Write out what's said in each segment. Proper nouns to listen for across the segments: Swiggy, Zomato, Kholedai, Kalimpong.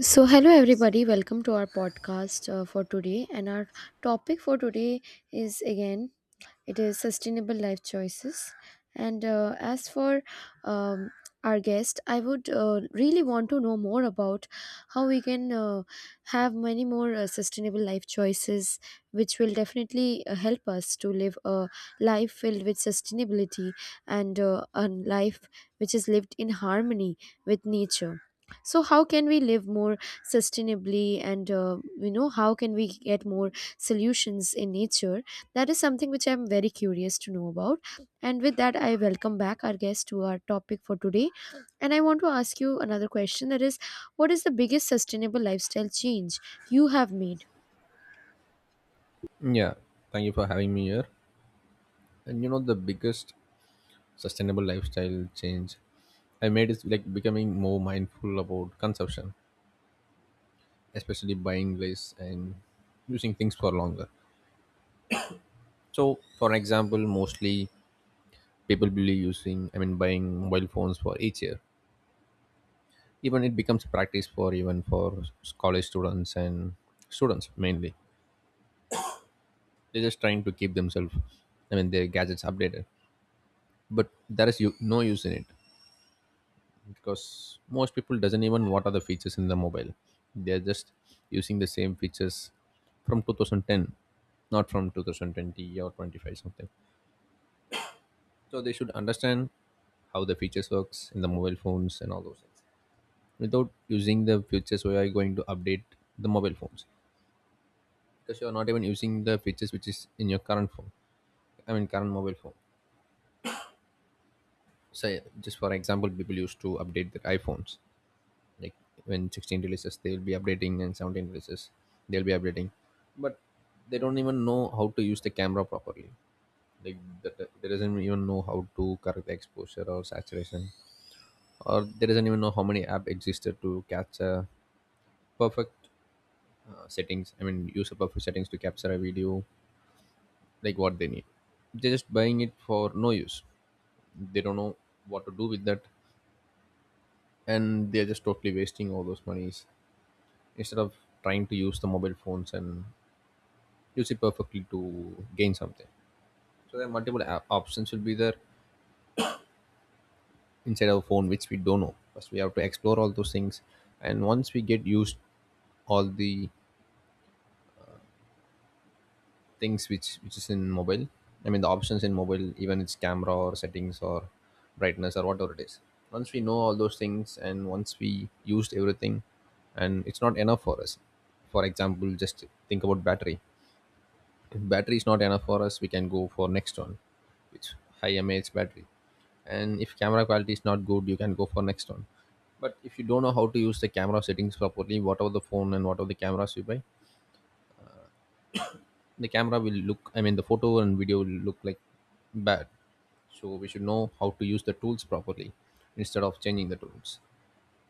So, hello everybody, welcome to our podcast for today. And our topic for today is again it is sustainable life choices and as for um, our guest, I would really want to know more about how we can have many more sustainable life choices, which will definitely help us to live a life filled with sustainability and a life which is lived in harmony with nature. So how can we live more sustainably, and how can we get more solutions in nature? That is something which I'm very curious to know about. And with that, I welcome back our guest to our topic for today. And I want to ask you another question, that is, what is the biggest sustainable lifestyle change you have made? Yeah, thank you for having me here. And you know, the biggest sustainable lifestyle change I made is like becoming more mindful about consumption, especially buying less and using things for longer. So, for example, mostly people will be using, I mean, buying mobile phones for each year. Even it becomes practice for even for college students and students mainly. They're just trying to keep themselves, I mean, their gadgets updated. But there is no use in it because most people doesn't even what are the features in the mobile, they're just using the same features from 2010, not from 2020 or 25 something. So they should understand how the features works in the mobile phones and all those things. Without using the features, we are going to update the mobile phones, because you are not even using the features which is in your current phone, I mean current mobile phone. Say, just for example, people used to update their iPhones like when 16 releases, they will be updating, and 17 releases, they'll be updating. But they don't even know how to use the camera properly, like they doesn't even know how to correct the exposure or saturation, or they doesn't even know how many app existed to capture perfect settings, I mean use the perfect settings to capture a video like what they need. They're just buying it for no use. They don't know what to do with that, and they're just totally wasting all those monies, instead of trying to use the mobile phones and use it perfectly to gain something. So there are multiple options will be there inside our phone which we don't know. First we have to explore all those things, and once we get used all the things which is in mobile, I mean the options in mobile, even its camera or settings or brightness or whatever it is. Once we know all those things and once we used everything, and it's not enough for us. For example, just think about battery. If battery is not enough for us, we can go for next one which high mAh battery. And if camera quality is not good, you can go for next one. But if you don't know how to use the camera settings properly, whatever the phone and whatever the cameras you buy, the camera will look, I mean the photo and video will look like bad. So we should know how to use the tools properly instead of changing the tools.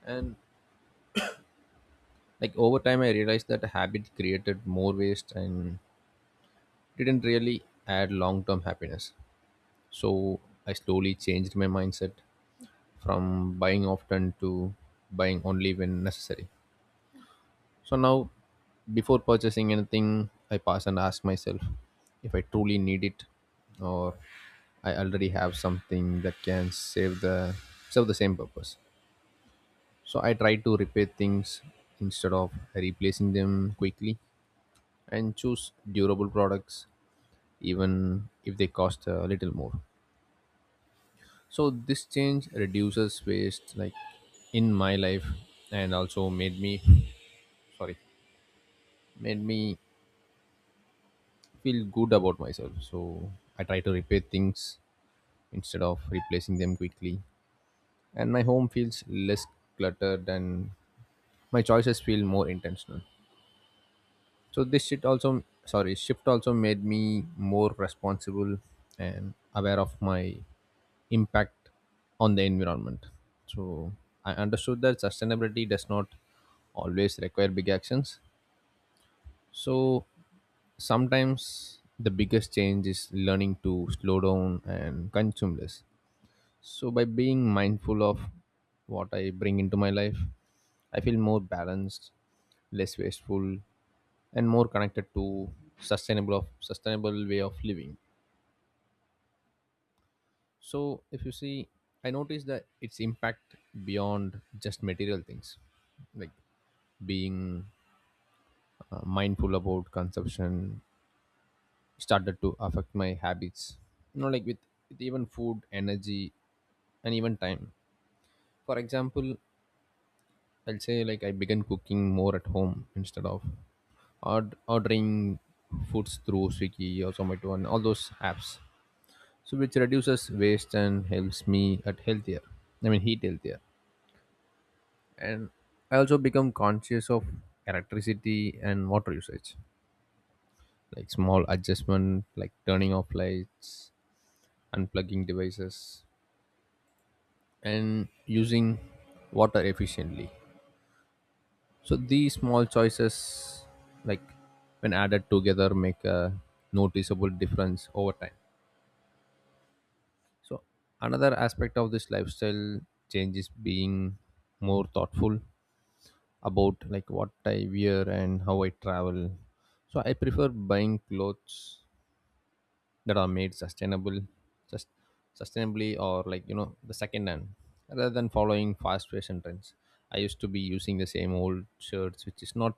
And like over time, I realized that habit created more waste and didn't really add long-term happiness. So I slowly changed my mindset from buying often to buying only when necessary. So now, before purchasing anything, I pass and ask myself if I truly need it, or I already have something that can save the serve the same purpose. So I try to repair things instead of replacing them quickly and choose durable products even if they cost a little more. So this change reduces waste like in my life and also made me sorry made me feel good about myself. So I try to repair things instead of replacing them quickly, and my home feels less cluttered and my choices feel more intentional. So this shit also sorry shift also made me more responsible and aware of my impact on the environment. So I understood that sustainability does not always require big actions. So sometimes the biggest change is learning to slow down and consume less. So, by being mindful of what I bring into my life, I feel more balanced, less wasteful, and more connected to sustainable of sustainable way of living. So, if you see, I notice that its impact beyond just material things, like being mindful about consumption started to affect my habits, you know, like with even food energy and even time. For example, I'll say like I began cooking more at home instead of ordering foods through Swiggy or Zomato and all those apps. So which reduces waste and helps me at healthier. I mean heat healthier. And I also become conscious of electricity and water usage. Like small adjustment like turning off lights, unplugging devices and using water efficiently. So these small choices, like when added together, make a noticeable difference over time. So another aspect of this lifestyle change is being more thoughtful about like what I wear and how I travel. So I prefer buying clothes that are made sustainable, just sustainably or like you know the second hand rather than following fast fashion trends. I used to be using the same old shirts, which is not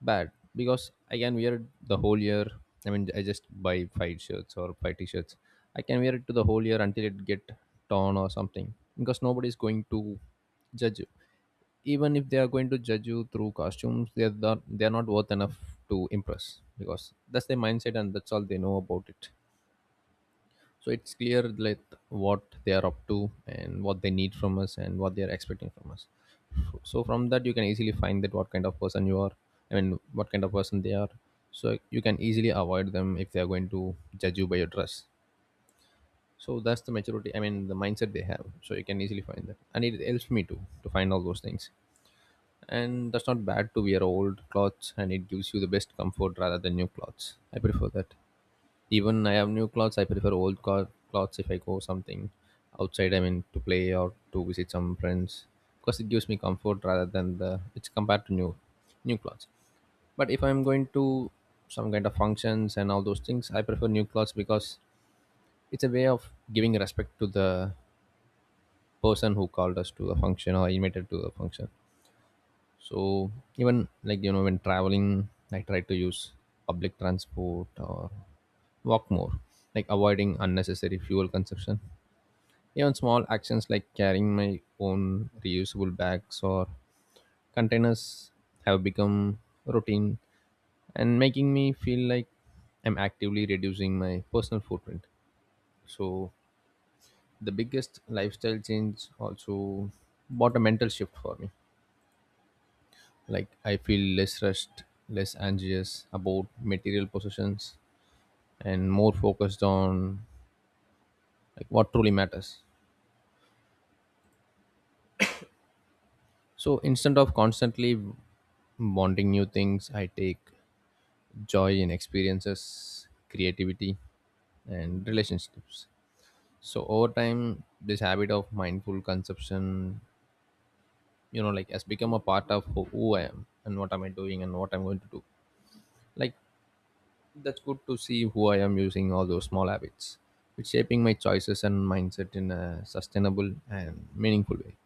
bad because I can wear it the whole year. I mean, I just buy five shirts or five t-shirts. I can wear it to the whole year until it get torn or something because nobody is going to judge you. Even if they are going to judge you through costumes, they are not worth enough to impress because that's their mindset and that's all they know about it. So it's clear like what they are up to and what they need from us and what they are expecting from us. So from that you can easily find that what kind of person you are, I mean what kind of person they are. So you can easily avoid them if they are going to judge you by your dress. So that's the maturity, I mean the mindset they have. So you can easily find that and it helps me too to find all those things. And that's not bad to wear old clothes and it gives you the best comfort rather than new clothes, I prefer that. Even I have new clothes, I prefer old clothes if I go something outside. I mean, to play or to visit some friends because it gives me comfort rather than the it's compared to new new clothes. But if I'm going to some kind of functions and all those things, I prefer new clothes because it's a way of giving respect to the person who called us to the function or invited to the function. So even like you know when traveling, I try to use public transport or walk more, like avoiding unnecessary fuel consumption. Even small actions like carrying my own reusable bags or containers have become routine and making me feel like I'm actively reducing my personal footprint. So, the biggest lifestyle change also brought a mental shift for me. Like, I feel less rushed, less anxious about material possessions, and more focused on like what truly matters. So instead of constantly wanting new things, I take joy in experiences, creativity, and relationships. So over time, this habit of mindful consumption, you know, like has become a part of who I am and what am I doing and what I'm going to do. Like that's good to see who I am using all those small habits, which shaping my choices and mindset in a sustainable and meaningful way.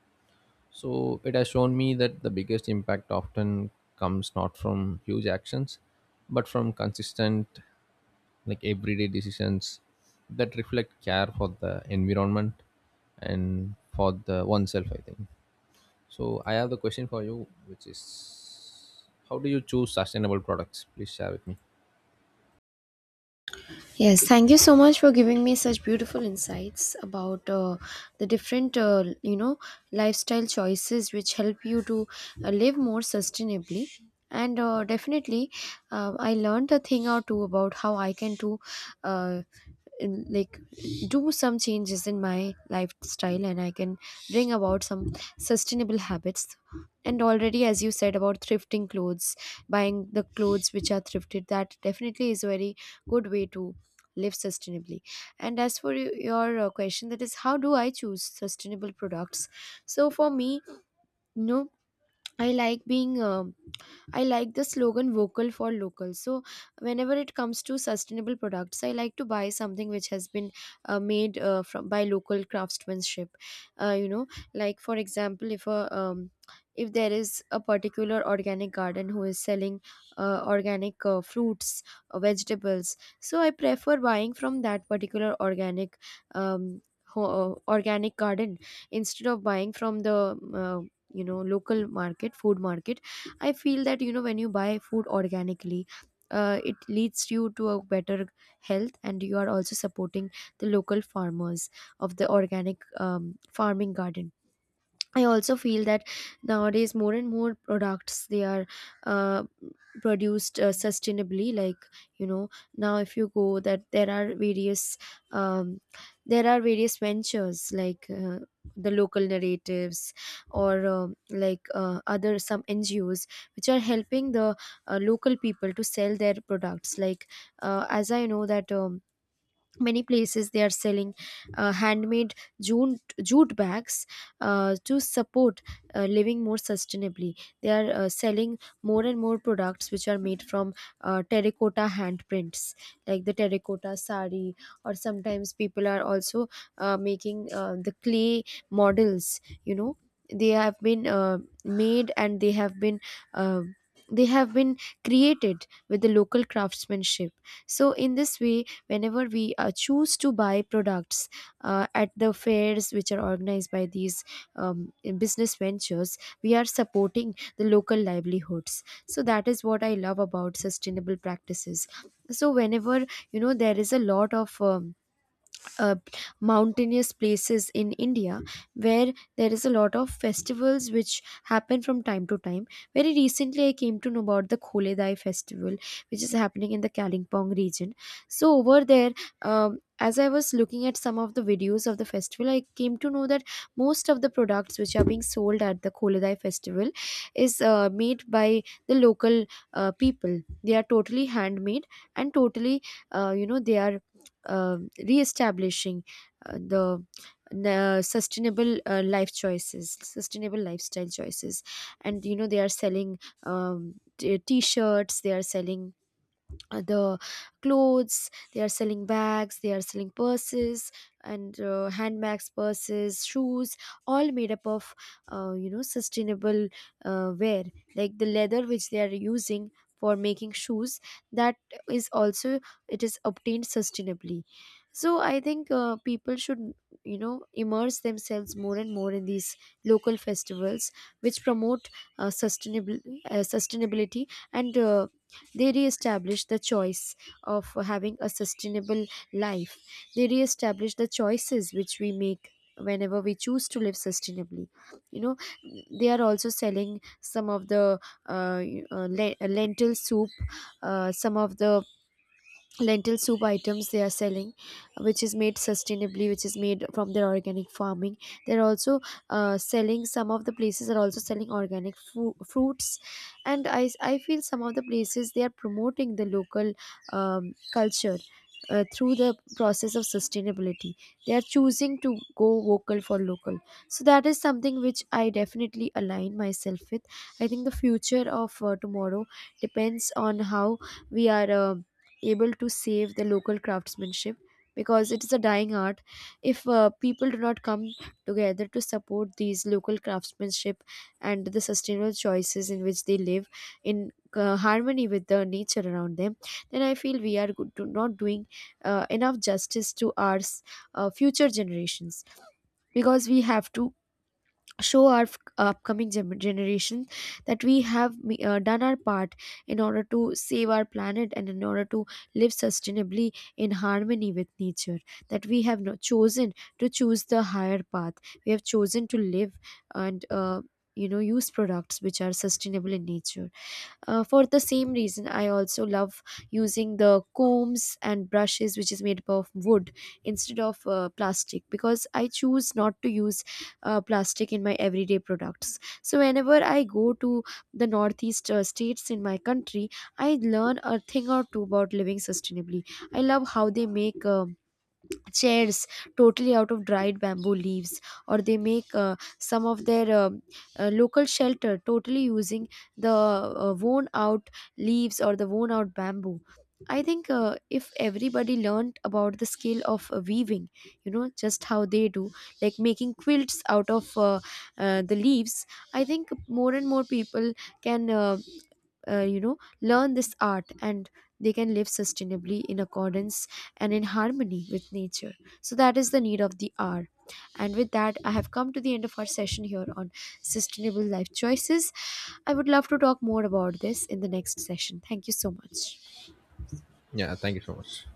So it has shown me that the biggest impact often comes not from huge actions, but from consistent, like everyday decisions that reflect care for the environment and for the oneself, I think. So I have the question for you, which is how do you choose sustainable products? Please share with me. Yes, thank you so much for giving me such beautiful insights about the different, lifestyle choices which help you to live more sustainably. And definitely, I learned a thing or two about how I can do. Uh, in, like Do some changes in my lifestyle, and I can bring about some sustainable habits. And already, as you said, about thrifting clothes, buying the clothes which are thrifted, that definitely is a very good way to live sustainably. And as for your question, that is, how do I choose sustainable products? So for me, no, I like being. I like the slogan vocal for local. So whenever it comes to sustainable products, I like to buy something which has been made from by local craftsmanship. Uh, you know, like for example, if there is a particular organic garden who is selling organic fruits, vegetables, so I prefer buying from that particular um, ho- organic garden instead of buying from the uh, local market, food market. I feel that, you know, when you buy food organically, it leads you to a better health, and you are also supporting the local farmers of the organic farming garden. I also feel that nowadays more and more products, they are uh, produced sustainably. Like, you know, now if you go, that there are um, various ventures, like the local narratives, or like other some NGOs, which are helping the local people to sell their products. Like, as I know that. Many places, they are selling handmade jute bags to support living more sustainably. They are selling more and more products which are made from terracotta handprints, like the terracotta sari. Or sometimes people are also making the clay models. You know, they have been made and uh, they have been created with the local craftsmanship. So in this way, whenever we choose to buy products at the fairs which are organized by these um, business ventures, we are supporting the local livelihoods. So that is what I love about sustainable practices. So whenever, you know, there is a lot of uh, mountainous places in India where there is a lot of festivals which happen from time to time. Very recently, I came to know about the Kholedai festival, which is happening in the Kalimpong region. So, over there, as I was looking at some of the videos of the festival, I came to know that most of the products which are being sold at the Kholedai festival is made by the local people. They are totally handmade and totally, they are uh, reestablishing uh, the the sustainable life choices sustainable lifestyle choices. And you know, they are selling, t-shirts, they are selling the clothes, they are selling bags, they are selling purses and handbags, purses, shoes, all made up of, sustainable wear. Like the leather which they are using for making shoes, that is also, it is obtained sustainably. So I think people should, you know, immerse themselves more and more in these local festivals which promote sustainable sustainability, and they reestablish the choice of having a sustainable life. They reestablish the choices which we make whenever we choose to live sustainably. You know, they are also selling some of the, lentil soup, some of the lentil soup items they are selling, which is made sustainably, which is made from their organic farming. They're also selling, some of the places are also selling organic fruits. And I feel some of the places they are promoting the local culture through the process of sustainability. They are choosing to go vocal for local. So that is something which I definitely align myself with. I think the future of tomorrow depends on how we are able to save the local craftsmanship, because it is a dying art. If people do not come together to support these local craftsmanship and the sustainable choices in which they live in harmony with the nature around them, then I feel we are good, do not doing enough justice to our future generations, because we have to show our upcoming generation that we have done our part in order to save our planet and in order to live sustainably in harmony with nature. That we have not chosen to choose the higher path, we have chosen to live and, use products which are sustainable in nature. For the same reason, I also love using the combs and brushes, which is made up of wood instead of plastic, because I choose not to use plastic in my everyday products. So, whenever I go to the northeast states in my country, I learn a thing or two about living sustainably. I love how they make chairs totally out of dried bamboo leaves, or they make some of their local shelter totally using the worn out leaves or the worn out bamboo. I think if everybody learned about the skill of weaving, you know, just how they do, like making quilts out of the leaves, I think more and more people can, learn this art, and they can live sustainably in accordance and in harmony with nature. So that is the need of the hour, and with that, I have come to the end of our session here on sustainable life choices. I would love to talk more about this in the next session. Thank you so much. Yeah, thank you so much.